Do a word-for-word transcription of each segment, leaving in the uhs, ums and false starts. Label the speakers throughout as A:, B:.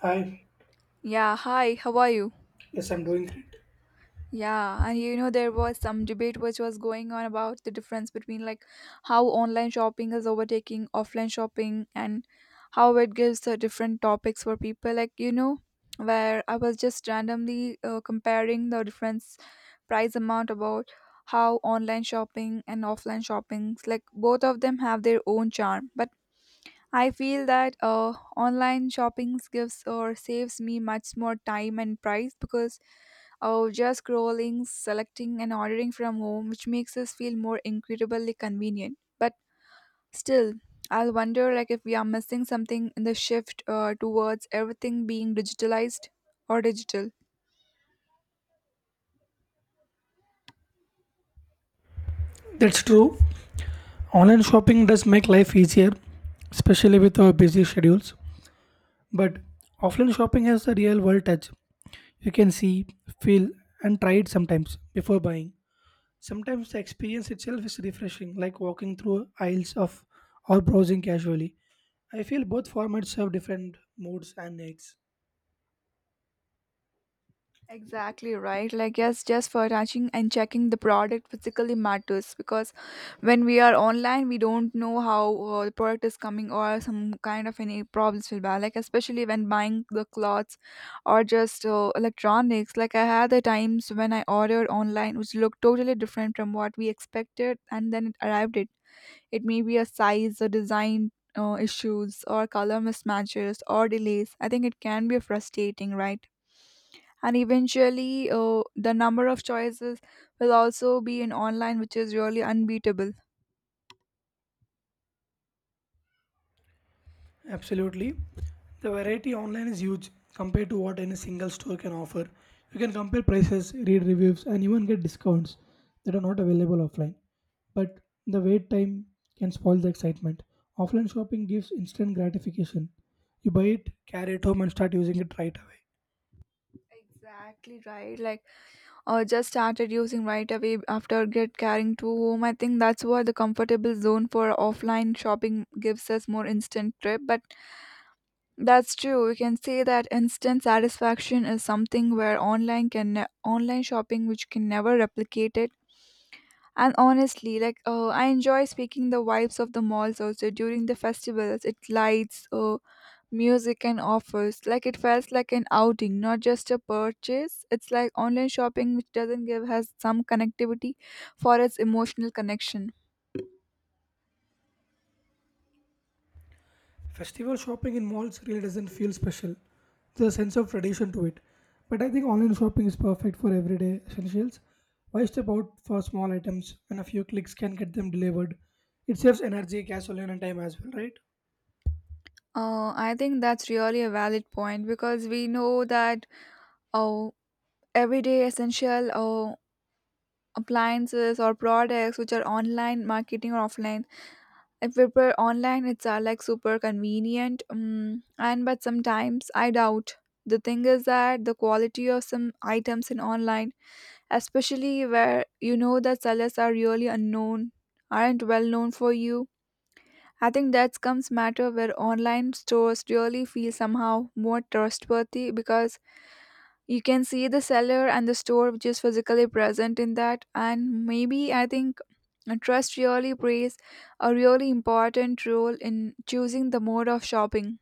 A: Hi,
B: Yeah, hi, how are you?
A: yes, I'm doing great.
B: Yeah, and you know, there was some debate which was going on about the difference between like how online shopping is overtaking offline shopping and how it gives uh, different topics for people. Like, you know, where I was just randomly uh, comparing the difference price amount about how online shopping and offline shoppings like both of them have their own charm but I feel that uh, online shoppings gives or saves me much more time and price because or just scrolling, selecting, and ordering from home, which makes us feel more incredibly convenient. But still, I'll wonder like if we are missing something in the shift uh, towards everything being digitalized or digital.
A: That's true. Online shopping does make life easier, especially with our busy schedules. But offline shopping has the real world touch. You can see, feel, and try it sometimes before buying. Sometimes the experience itself is refreshing, like walking through aisles of or browsing casually. I feel both formats serve different moods and needs.
B: Exactly right. Like, yes, just for touching and checking the product physically matters because when we are online, we don't know how uh, the product is coming or some kind of any problems will be. Like, especially when buying the clothes or just uh, electronics. Like, I had the times when I ordered online, which looked totally different from what we expected, and then it arrived. It it may be a size or design. Uh, issues or color mismatches or delays, I think it can be frustrating, right? And eventually uh, the number of choices will also be in online, which is really unbeatable.
A: Absolutely. The variety online is huge compared to what any single store can offer. You can compare prices, read reviews, and even get discounts that are not available offline. But the wait time can spoil the excitement. Offline shopping gives instant gratification. You buy it, carry it home, and start using it right away.
B: Exactly right. Like uh, just started using right away after get carrying to home, I think that's why the comfortable zone for offline shopping gives us more instant trip. But that's true, we can say that instant satisfaction is something where online can ne- online shopping which can never replicate it. And honestly, like uh, I enjoy speaking the vibes of the malls also during the festivals. It lights, uh, music, and offers. Like it feels like an outing, not just a purchase. It's like online shopping, which doesn't give has some connectivity for its emotional connection.
A: Festival shopping in malls really doesn't feel special. There's a sense of tradition to it. But I think online shopping is perfect for everyday essentials. Why step out for small items when a few clicks can get them delivered? It saves energy, gasoline, and time as well, right?
B: Uh, I think that's really a valid point because we know that oh, everyday essential oh, appliances or products which are online marketing or offline, if we were online it's uh, like super convenient, um, and but sometimes I doubt the thing is that the quality of some items in online, especially where you know that sellers are really unknown, aren't well known for you. I think that comes matter where online stores really feel somehow more trustworthy because you can see the seller and the store which is physically present in that. And maybe I think and trust really plays a really important role in choosing the mode of shopping.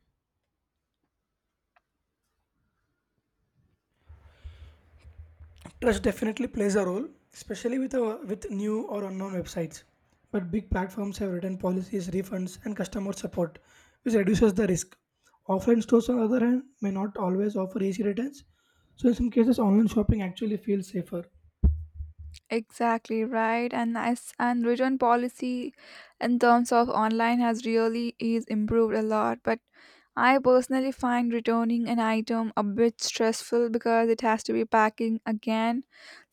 A: Trust definitely plays a role, especially with a, with new or unknown websites. But big platforms have written policies, refunds, and customer support, which reduces the risk. Offline stores, on the other hand, may not always offer easy returns, so in some cases, online shopping actually feels safer.
B: Exactly right, and as and return policy in terms of online has really is improved a lot. But I personally find returning an item a bit stressful because it has to be packing again,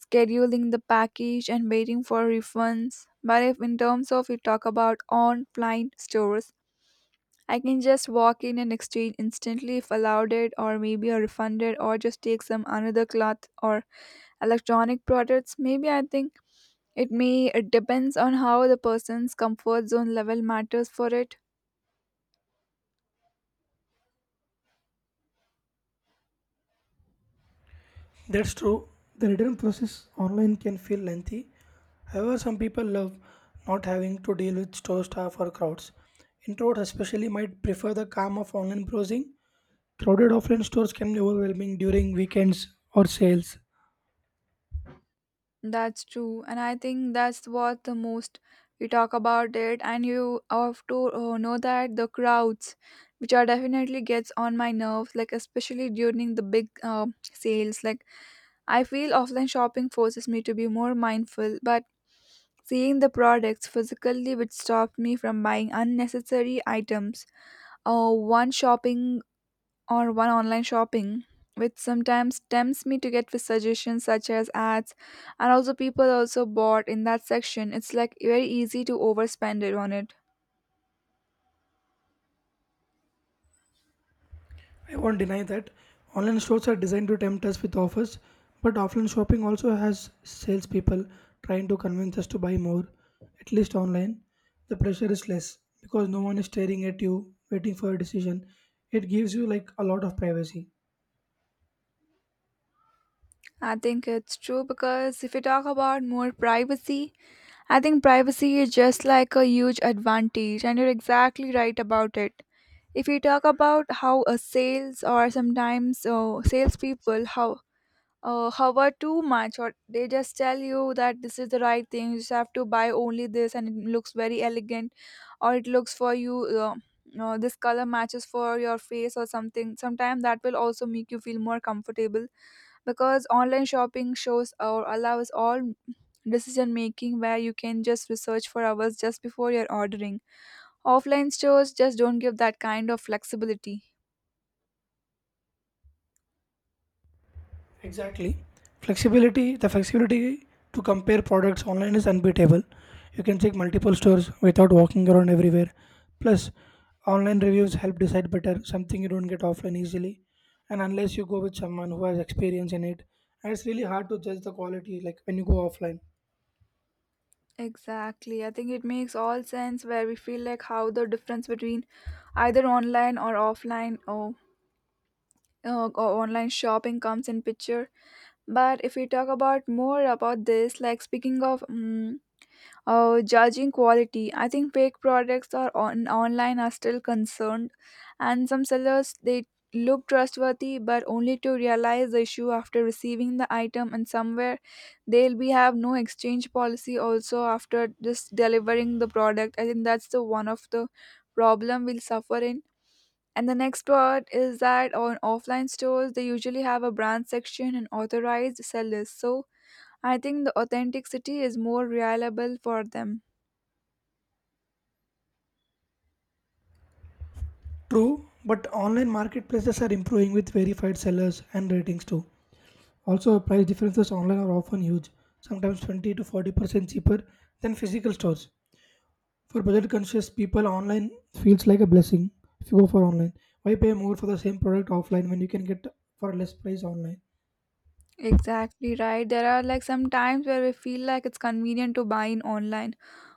B: scheduling the package, and waiting for refunds. But if in terms of you talk about online stores, I can just walk in and exchange instantly if allowed it, or maybe a refunded or just take some another cloth or electronic products. Maybe I think it may it depends on how the person's comfort zone level matters for it.
A: That's true. The return process online can feel lengthy. However, some people love not having to deal with store staff or crowds. Introverts especially might prefer the calm of online browsing. Crowded offline stores can be overwhelming during weekends or sales.
B: That's true, and I think that's what the most we talk about it, and you have to uh, know that the crowds, which are definitely gets on my nerves, like especially during the big uh, sales. Like I feel offline shopping forces me to be more mindful, but seeing the products physically which stop me from buying unnecessary items or one shopping or one online shopping, which sometimes tempts me to get with suggestions such as ads and also people also bought in that section. It's like very easy to overspend it on it.
A: I won't deny that online stores are designed to tempt us with offers, but offline shopping also has salespeople trying to convince us to buy more. At least online, the pressure is less because no one is staring at you waiting for a decision. It gives you like a lot of privacy.
B: I think it's true because if you talk about more privacy, I think privacy is just like a huge advantage, and you're exactly right about it. If we talk about how a sales or sometimes uh, salespeople how uh, hover too much, or they just tell you that this is the right thing, you just have to buy only this and it looks very elegant or it looks for you. Uh, uh, this color matches for your face or something, sometimes that will also make you feel more comfortable because online shopping shows or allows all decision making where you can just research for hours just before you're ordering. Offline stores just don't give that kind of flexibility.
A: Exactly. Flexibility, the flexibility to compare products online is unbeatable. You can check multiple stores without walking around everywhere. Plus, online reviews help decide better, something you don't get offline easily. And unless you go with someone who has experience in it, and it's really hard to judge the quality like when you go offline.
B: Exactly. I think it makes all sense where we feel like how the difference between either online or offline, or uh, or online shopping comes in picture. But if we talk about more about this, like speaking of mm, uh, judging quality, I think fake products are on online are still concerned, and some sellers they look trustworthy but only to realize the issue after receiving the item, and somewhere they'll be have no exchange policy also after just delivering the product. I think that's the one of the problem we'll suffer in. And the next part is that on offline stores they usually have a brand section and authorized sellers, so I think the authenticity is more reliable for them.
A: True, but online marketplaces are improving with verified sellers and ratings too. Also, price differences online are often huge, sometimes twenty to forty percent cheaper than physical stores. For budget conscious people, online feels like a blessing if you go for online. Why pay more for the same product offline when you can get for less price online?
B: Exactly right. There are like some times where we feel like it's convenient to buy in online,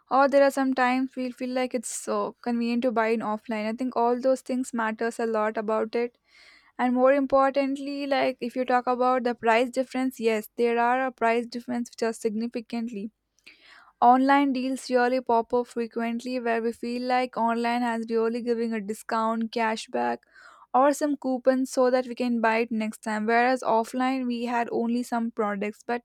B: or there are some times we feel like it's so convenient to buy in offline. I think all those things matters a lot about it. And more importantly, like if you talk about the price difference, yes, there are a price difference which are significantly. Online deals really pop up frequently where we feel like online has really giving a discount, cashback, or some coupons so that we can buy it next time. Whereas offline we had only some products, but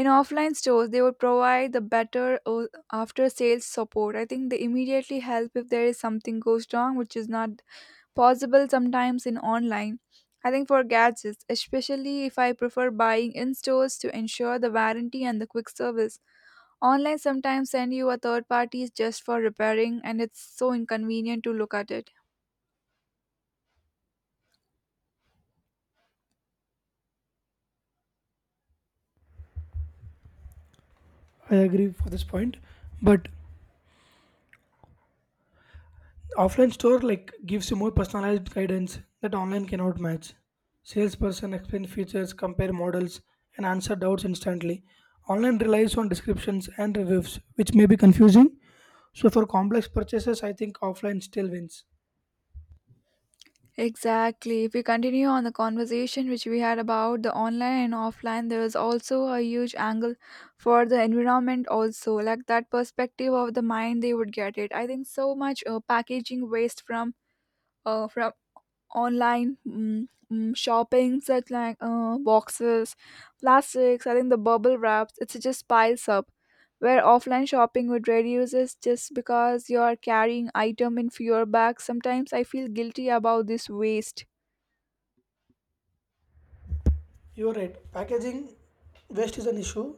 B: in offline stores they would provide the better o- after sales support. I think they immediately help if there is something goes wrong, which is not possible sometimes in online. I think for gadgets, especially if I prefer buying in stores to ensure the warranty and the quick service. Online sometimes send you a third parties just for repairing and it's so inconvenient to look at it.
A: I agree for this point, but offline store like gives you more personalized guidance that online cannot match. Salesperson explain features, compare models, and answer doubts instantly. Online relies on descriptions and reviews, which may be confusing. So for complex purchases, I think offline still wins.
B: Exactly. If we continue on the conversation which we had about the online and offline, there is also a huge angle for the environment also, like that perspective of the mind they would get it. I think so much uh, packaging waste from uh, from online mm, mm, shopping, such like uh, boxes, plastics. I think the bubble wraps, it's just piles up where offline shopping would reduce is just because you are carrying item in fewer bags. Sometimes I feel guilty about this waste.
A: You're right, packaging waste is an issue,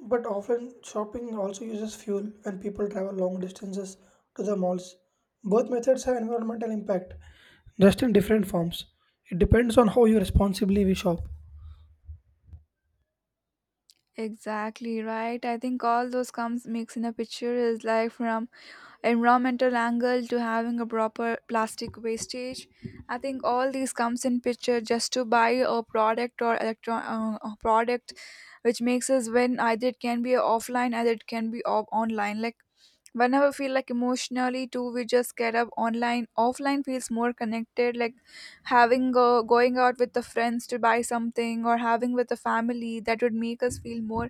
A: but often shopping also uses fuel when people travel long distances to the malls. Both methods have environmental impact, just in different forms. It depends on how you responsibly we shop.
B: Exactly right. I think all those comes mix in a picture, is like from environmental angle to having a proper plastic wastage. I think all these comes in picture just to buy a product or electron uh, a product, which makes us when either it can be offline either it can be o- online. Like whenever feel like emotionally too, we just get up online. Offline feels more connected, like having a, going out with the friends to buy something or having with the family, that would make us feel more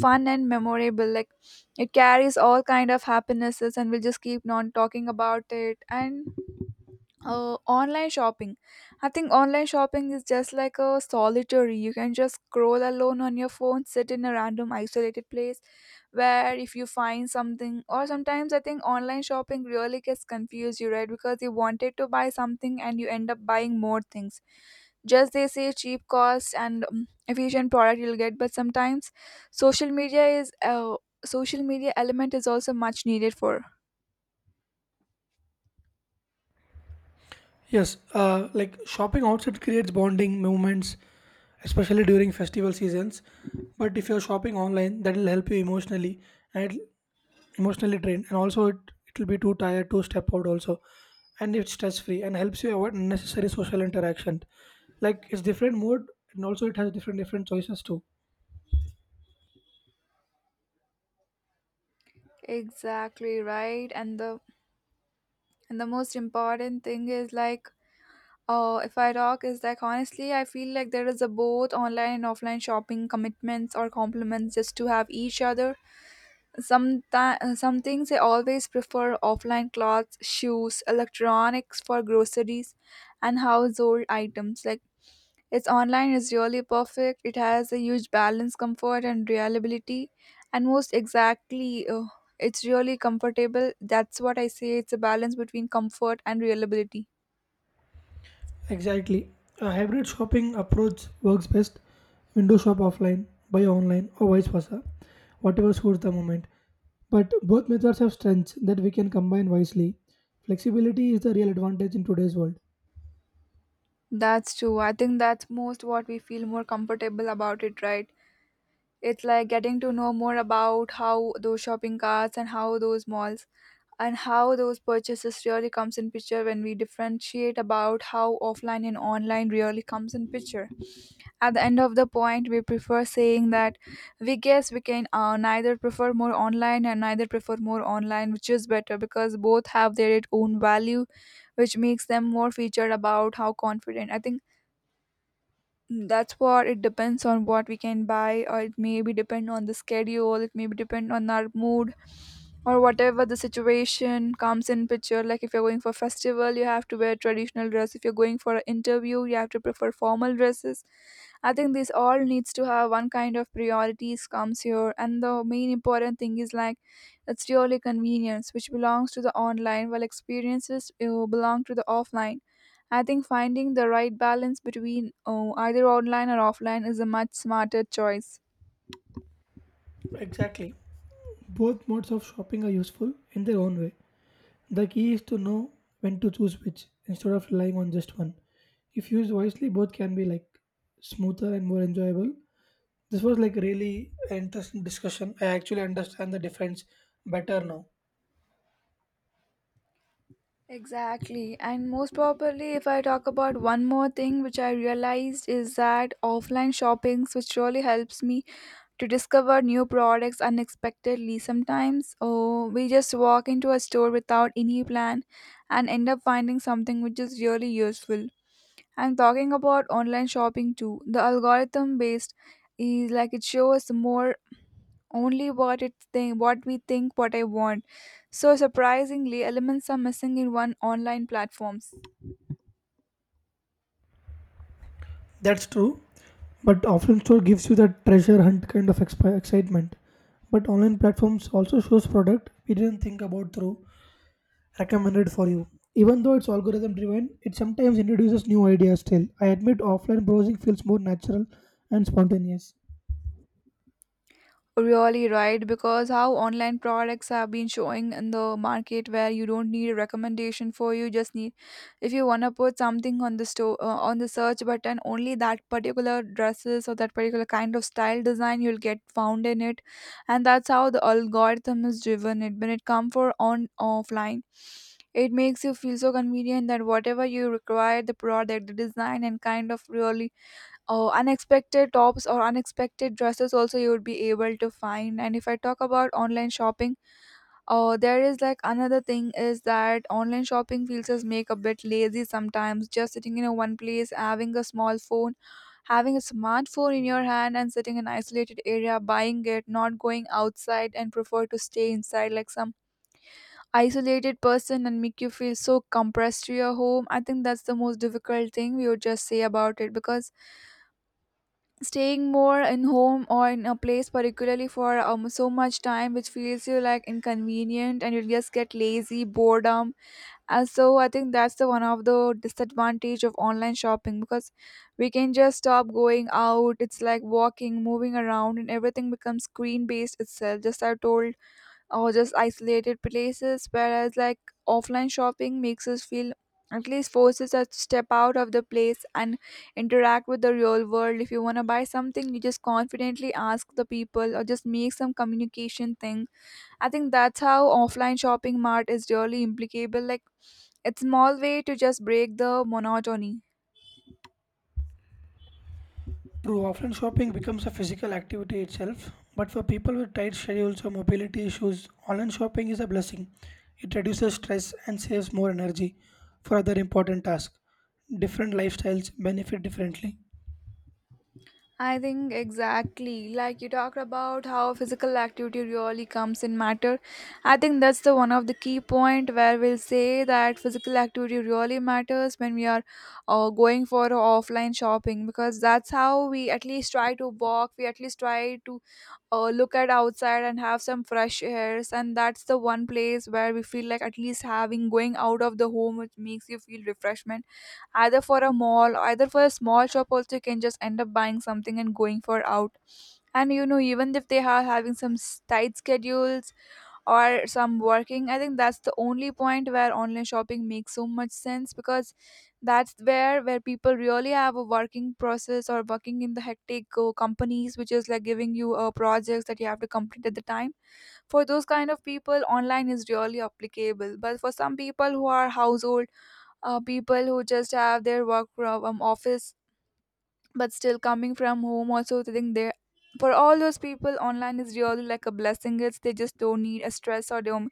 B: fun and memorable. Like it carries all kind of happinesses and we'll just keep on talking about it. And uh, online shopping, I think online shopping is just like a solitary, you can just scroll alone on your phone, sit in a random isolated place where if you find something. Or sometimes I think online shopping really gets confused you, right? Because you wanted to buy something and you end up buying more things. Just they say cheap cost and um, efficient product you'll get. But sometimes social media is uh, social media element is also much needed for.
A: Yes, uh, like shopping outside creates bonding moments, especially during festival seasons. But if you're shopping online, that will help you emotionally and it emotionally drained, and also it it will be too tired to step out also, and it's stress free and helps you avoid unnecessary social interaction, like it's different mode, and also it has different different choices too.
B: Exactly right and the And the most important thing is like, uh, if I talk, is like honestly, I feel like there is a both online and offline shopping commitments or compliments just to have each other. Some some things I always prefer offline: clothes, shoes, electronics. For groceries and household items, like, its online is really perfect. It has a huge balance, comfort, and reliability, and most exactly. Uh, it's really comfortable, that's what I say, it's a balance between comfort and reliability.
A: Exactly, a hybrid shopping approach works best. Window shop offline, buy online or vice versa, whatever suits the moment. But both methods have strengths that we can combine wisely. Flexibility is the real advantage in today's world.
B: That's true. I think that's most what we feel more comfortable about it, right? It's like getting to know more about how those shopping carts and how those malls and how those purchases really comes in picture when we differentiate about how offline and online really comes in picture. At the end of the point, we prefer saying that we guess we can uh, neither prefer more online and neither prefer more online, which is better, because both have their own value, which makes them more featured about how confident. I think Mm, that's what it depends on what we can buy, or it may be depend on the schedule, it may be depend on our mood, or whatever the situation comes in picture. Like if you're going for festival, you have to wear traditional dress. If you're going for an interview, you have to prefer formal dresses. I think this all needs to have one kind of priorities comes here, and the main important thing is like it's really convenience, which belongs to the online, while experiences uh, belong to the offline. I think finding the right balance between uh, either online or offline is a much smarter choice.
A: Exactly. Both modes of shopping are useful in their own way. The key is to know when to choose which instead of relying on just one. If used wisely, both can be like smoother and more enjoyable. This was like really an interesting discussion. I actually understand the difference better now.
B: Exactly. And most probably, if I talk about one more thing which I realized is that offline shopping, which really helps me to discover new products unexpectedly. Sometimes oh, we just walk into a store without any plan and end up finding something which is really useful. I'm talking about online shopping too. The algorithm based is like it shows more only what it think what we think what I want. So surprisingly elements are missing in one online platforms.
A: That's true, but offline store gives you that treasure hunt kind of expi- excitement. But online platforms also shows product we didn't think about through recommended for you. Even though it's algorithm driven, it sometimes introduces new ideas still. I admit offline browsing feels more natural and spontaneous.
B: Really right, because how online products have been showing in the market where you don't need a recommendation for you just need if you wanna put something on the store uh, on the search button only that particular dresses or that particular kind of style design you'll get found in it, and that's how the algorithm is driven. It when it come for on offline, it makes you feel so convenient that whatever you require the product, the design, and kind of really Oh, unexpected tops or unexpected dresses also you would be able to find. And if I talk about online shopping, oh, there is like another thing is that online shopping feels us make a bit lazy sometimes. Just sitting in a one place, having a small phone, having a smartphone in your hand, and sitting in an isolated area, buying it, not going outside, and prefer to stay inside like some isolated person and make you feel so compressed to your home. I think that's the most difficult thing we would just say about it because staying more in home or in a place particularly for um, so much time which feels you like inconvenient and you just get lazy boredom, and so I think that's the one of the disadvantage of online shopping because we can just stop going out. It's like walking, moving around, and everything becomes screen based itself, just I told, or just isolated places, whereas like offline shopping makes us feel, at least forces us to step out of the place and interact with the real world. If you want to buy something, you just confidently ask the people or just make some communication thing. I think that's how offline shopping mart is really implicable, like it's small way to just break the monotony.
A: True, offline shopping becomes a physical activity itself, but for people with tight schedules or mobility issues, online shopping is a blessing. It reduces stress and saves more energy for other important tasks. Different lifestyles benefit differently.
B: I think exactly like you talked about how physical activity really comes in matter. I think that's the one of the key point where we'll say that physical activity really matters when we are uh, going for offline shopping because that's how we at least try to walk, we at least try to uh, look at outside and have some fresh airs, and that's the one place where we feel like at least having going out of the home which makes you feel refreshment, either for a mall either for a small shop also you can just end up buying something and going for out. And you know, even if they are having some s- tight schedules or some working, I think that's the only point where online shopping makes so much sense because that's where where people really have a working process or working in the hectic uh, companies which is like giving you uh, projects that you have to complete at the time. For those kind of people online is really applicable, but for some people who are household uh, people who just have their work from um, office but still coming from home also sitting there, for all those people online is really like a blessing. It's they just don't need a stress or don't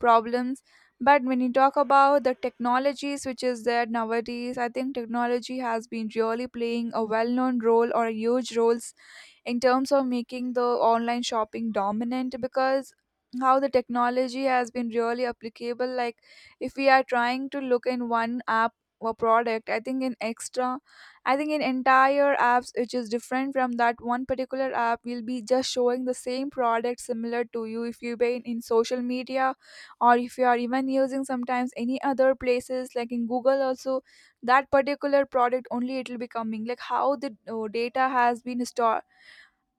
B: problems. But when you talk about the technologies which is there nowadays, I think technology has been really playing a well-known role or a huge roles in terms of making the online shopping dominant because how the technology has been really applicable, like if we are trying to look in one app or product, I think in extra, I think in entire apps which is different from that one particular app will be just showing the same product similar to you if you been in social media, or if you are even using sometimes any other places like in Google also, that particular product only it will be coming. Like how the uh, data has been stored,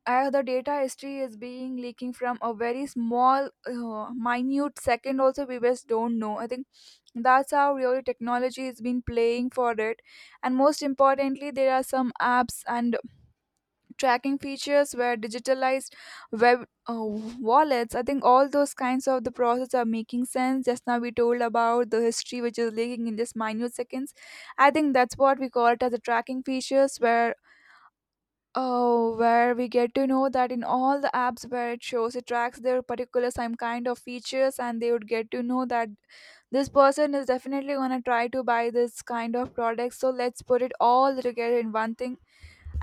B: uh, the data history is being leaking from a very small uh, minute second also, we just don't know. I think that's how really technology has been playing for it. And most importantly, there are some apps and tracking features where digitalized web uh, wallets, I think all those kinds of the process are making sense. Just now we told about the history which is leaking in just minute seconds. I think that's what we call it as a tracking features where Oh, where we get to know that in all the apps where it shows, it tracks their particular some kind of features, and they would get to know that this person is definitely gonna try to buy this kind of product. So let's put it all together in one thing.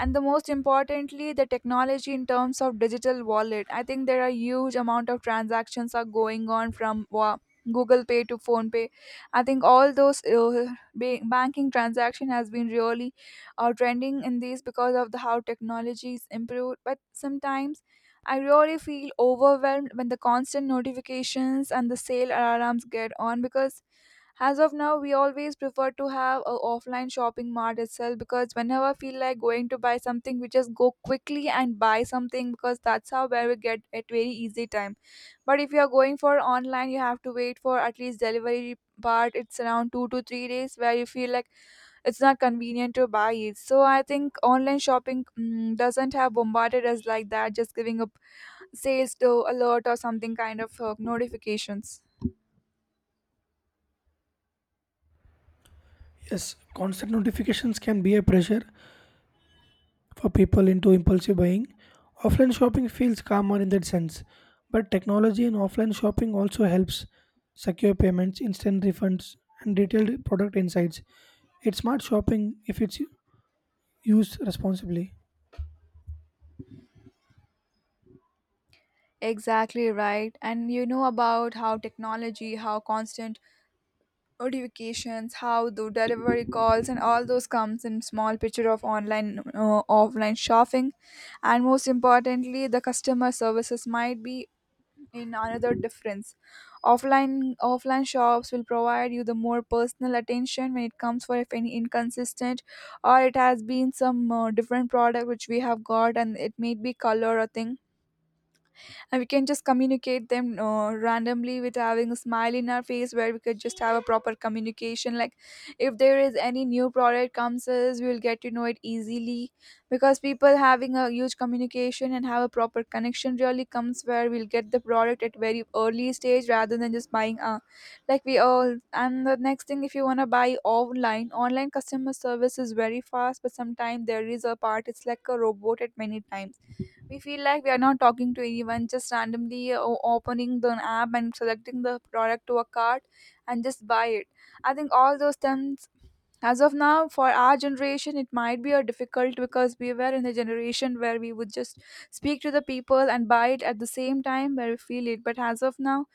B: And the most importantly the technology in terms of digital wallet, I think there are huge amount of transactions are going on from wa- Google Pay to Phone Pay. I think all those uh, ba- banking transaction has been really uh, trending in these because of the how technology is improved. But sometimes I really feel overwhelmed when the constant notifications and the sale alarms get on, because as of now, we always prefer to have a offline shopping mart itself because whenever I feel like going to buy something, we just go quickly and buy something because that's how where we get at very easy time. But if you are going for online, you have to wait for at least delivery part. It's around two to three days where you feel like it's not convenient to buy it. So I think online shopping mm, doesn't have bombarded us like that, just giving up sales to alert or something kind of uh, notifications.
A: Yes, constant notifications can be a pressure for people into impulsive buying. Offline shopping feels calmer in that sense, but technology in offline shopping also helps secure payments, instant refunds, and detailed product insights. It's smart shopping if it's use responsibly.
B: Exactly right. And you know about how technology, how constant notifications, how the delivery calls and all those comes in small picture of online uh, offline shopping, and most importantly the customer services might be in another difference. Offline offline shops will provide you the more personal attention when it comes for if any inconsistent, or it has been some uh, different product which we have got and it may be color or thing, and we can just communicate them uh, randomly with having a smile in our face where we could just have a proper communication. Like if there is any new product comes us, we will get to know it easily because people having a huge communication and have a proper connection really comes where we'll get the product at very early stage rather than just buying a like we all. And the next thing, if you want to buy online, online customer service is very fast, but sometimes there is a part it's like a robot at many times. We feel like we are not talking to anyone, just randomly uh, o- opening the app and selecting the product to a cart and just buy it. I think all those things, as of now for our generation it might be a difficult because we were in a generation where we would just speak to the people and buy it at the same time where we feel it. But as of now,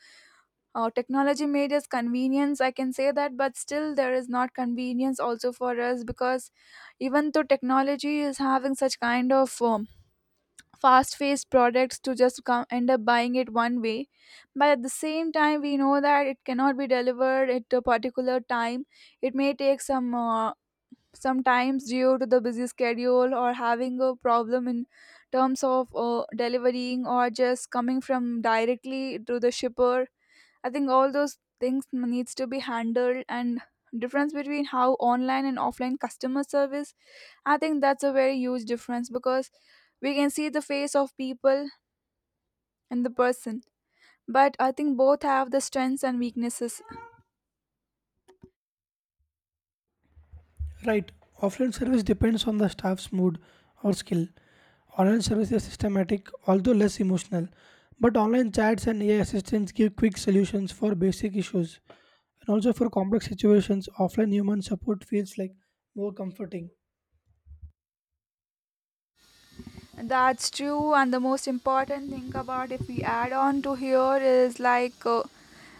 B: uh, technology made us convenience, I can say that, but still there is not convenience also for us because even though technology is having such kind of uh, fast paced products to just come end up buying it one way, but at the same time we know that it cannot be delivered at a particular time. It may take some uh, sometimes due to the busy schedule or having a problem in terms of uh, delivering or just coming from directly to the shipper. I think all those things needs to be handled, and difference between how online and offline customer service, I think that's a very huge difference because we can see the face of people and the person. But I think both have the strengths and weaknesses.
A: Right. Offline service depends on the staff's mood or skill. Online service is systematic, although less emotional. But online chats and A I assistants give quick solutions for basic issues. And also for complex situations, offline human support feels like more comforting.
B: That's true, and the most important thing about if we add on to here is like uh,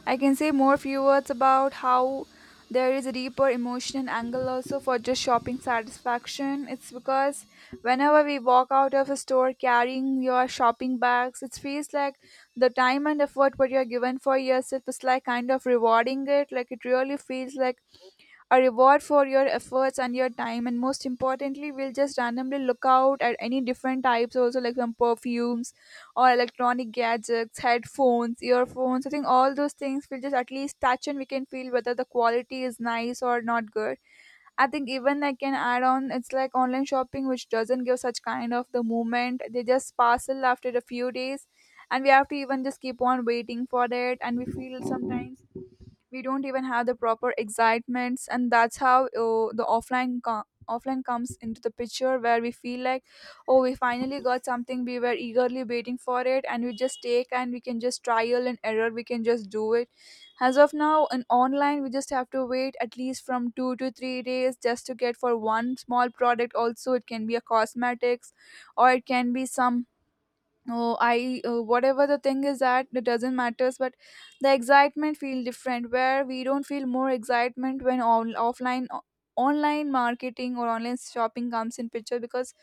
B: I can say more few words about how there is a deeper emotional angle also for just shopping satisfaction. It's because whenever we walk out of a store carrying your shopping bags, it feels like the time and effort what you are given for yourself is like kind of rewarding it. Like it really feels like a reward for your efforts and your time, and most importantly we'll just randomly look out at any different types also, like some perfumes or electronic gadgets, headphones, earphones. I think all those things we'll just at least touch and we can feel whether the quality is nice or not good. I think even I can add on, it's like online shopping, which doesn't give such kind of the moment. They just parcel after a few days and we have to even just keep on waiting for it, and we feel sometimes we don't even have the proper excitements. And that's how uh, the offline co- offline comes into the picture, where we feel like oh, we finally got something we were eagerly waiting for it, and we just take and we can just trial and error, we can just do it. As of now in online we just have to wait at least from two to three days just to get for one small product also. It can be a cosmetics or it can be some, oh I uh, whatever the thing is, that it doesn't matters. But the excitement feel different, where we don't feel more excitement when on, offline o- online marketing or online shopping comes in picture, because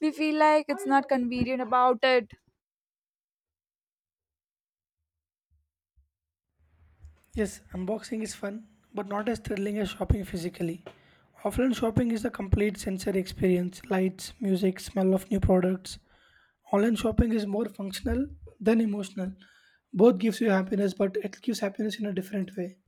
B: we feel like it's not convenient about it.
A: Yes, unboxing is fun, but not as thrilling as shopping physically. Offline shopping is a complete sensory experience, lights, music, smell of new products. Online shopping is more functional than emotional. Both gives you happiness, but it gives happiness in a different way.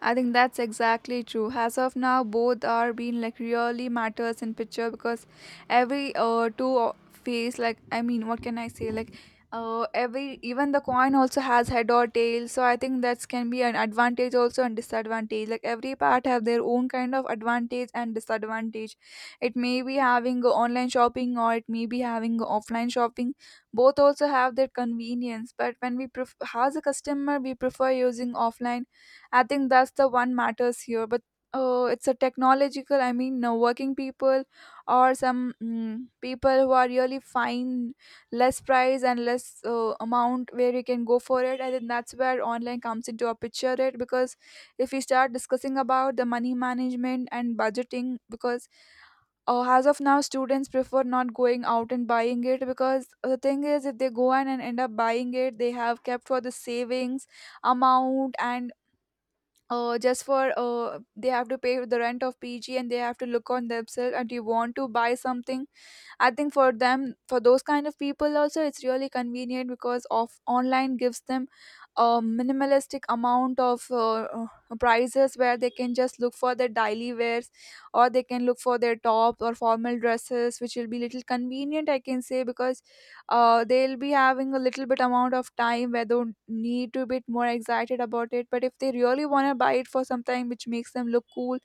B: I think that's exactly true. As of now, both are being like really matters in picture, because every uh two o- face like I mean, what can I say? Like uh every, even the coin also has head or tail. So I think that can be an advantage also and disadvantage. Like every part have their own kind of advantage and disadvantage. It may be having a online shopping or it may be having a offline shopping. Both also have their convenience, but when we pref- as a customer, we prefer using offline. I think that's the one matters here. But uh, it's a technological. I mean, uh, working people or some mm, people who are really fine, less price and less uh, amount where you can go for it. I think that's where online comes into a picture. It because if we start discussing about the money management and budgeting, because uh, as of now students prefer not going out and buying it, because the thing is if they go in and end up buying it, they have kept for the savings amount, and uh, just for uh, they have to pay the rent of P G and they have to look on themselves and you want to buy something. I think for them, for those kind of people also, it's really convenient because of online gives them a minimalistic amount of uh, uh, prices where they can just look for their daily wears or they can look for their tops or formal dresses, which will be little convenient, I can say, because uh, they'll be having a little bit amount of time where they need to be more excited about it. But if they really want to buy it for something which makes them look cool,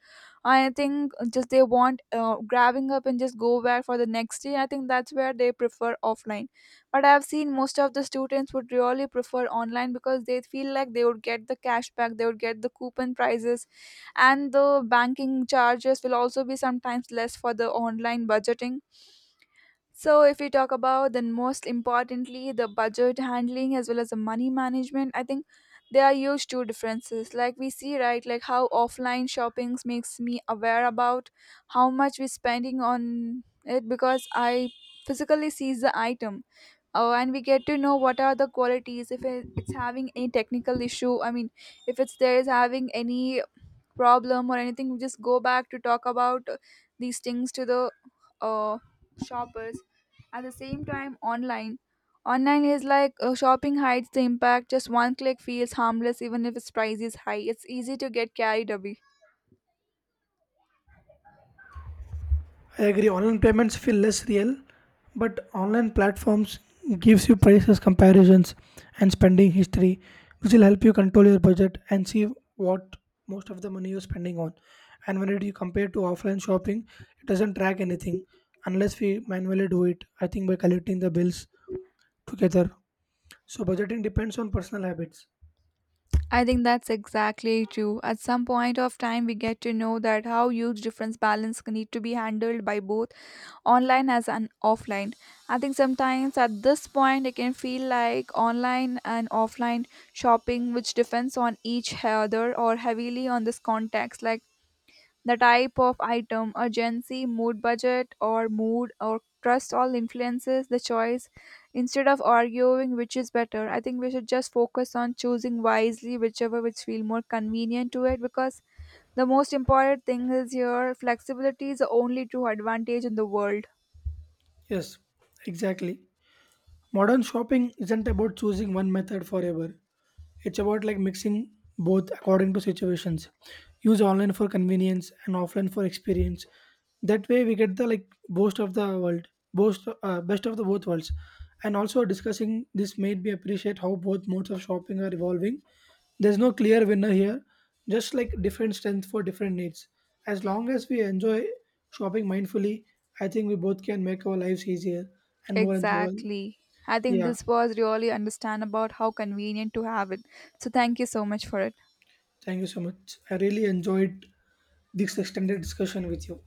B: I think just they want uh, grabbing up and just go back for the next day. I think that's where they prefer offline. But I've seen most of the students would really prefer online because they feel like they would get the cash back, they would get the coupon prices, and the banking charges will also be sometimes less for the online budgeting. So, if we talk about then most importantly the budget handling as well as the money management, I think there are huge two differences. Like we see, right, like how offline shoppings makes me aware about how much we're spending on it, because I physically sees the item. Oh, and we get to know what are the qualities if it- it's having any technical issue. I mean, if it's there is having any problem or anything, we just go back to talk about uh, these things to the uh, shoppers. At the same time online, online is like uh, shopping hides the impact. Just one click feels harmless, even if its price is high, it's easy to get carried away.
A: I agree. Online payments feel less real, but online platforms gives you prices comparisons and spending history, which will help you control your budget and see what most of the money you're spending on. And when it you compare to offline shopping, it doesn't track anything unless we manually do it. I think by collecting the bills together. So budgeting depends on personal habits.
B: I think that's exactly true. At some point of time, we get to know that how huge difference balance need to be handled by both online as an offline. I think sometimes at this point, it can feel like online and offline shopping, which depends on each other or heavily on this context. Like the type of item, urgency, mood budget, or mood or trust all influences the choice. Instead of arguing which is better, I think we should just focus on choosing wisely whichever which feel more convenient to it, because the most important thing is here flexibility is the only true advantage in the world.
A: Yes, exactly. Modern shopping isn't about choosing one method forever. It's about like mixing both according to situations. Use online for convenience and offline for experience. That way we get the like most of the world, most uh, best of the both worlds. And also discussing this made me appreciate how both modes of shopping are evolving. There's no clear winner here, just like different strength for different needs. As long as we enjoy shopping mindfully, I think we both can make our lives easier and more enjoyable.
B: Exactly. I think
A: Yeah,
B: this was really understand about how convenient to have it. So thank you so much for it.
A: thank you so much. I really enjoyed this extended discussion with you.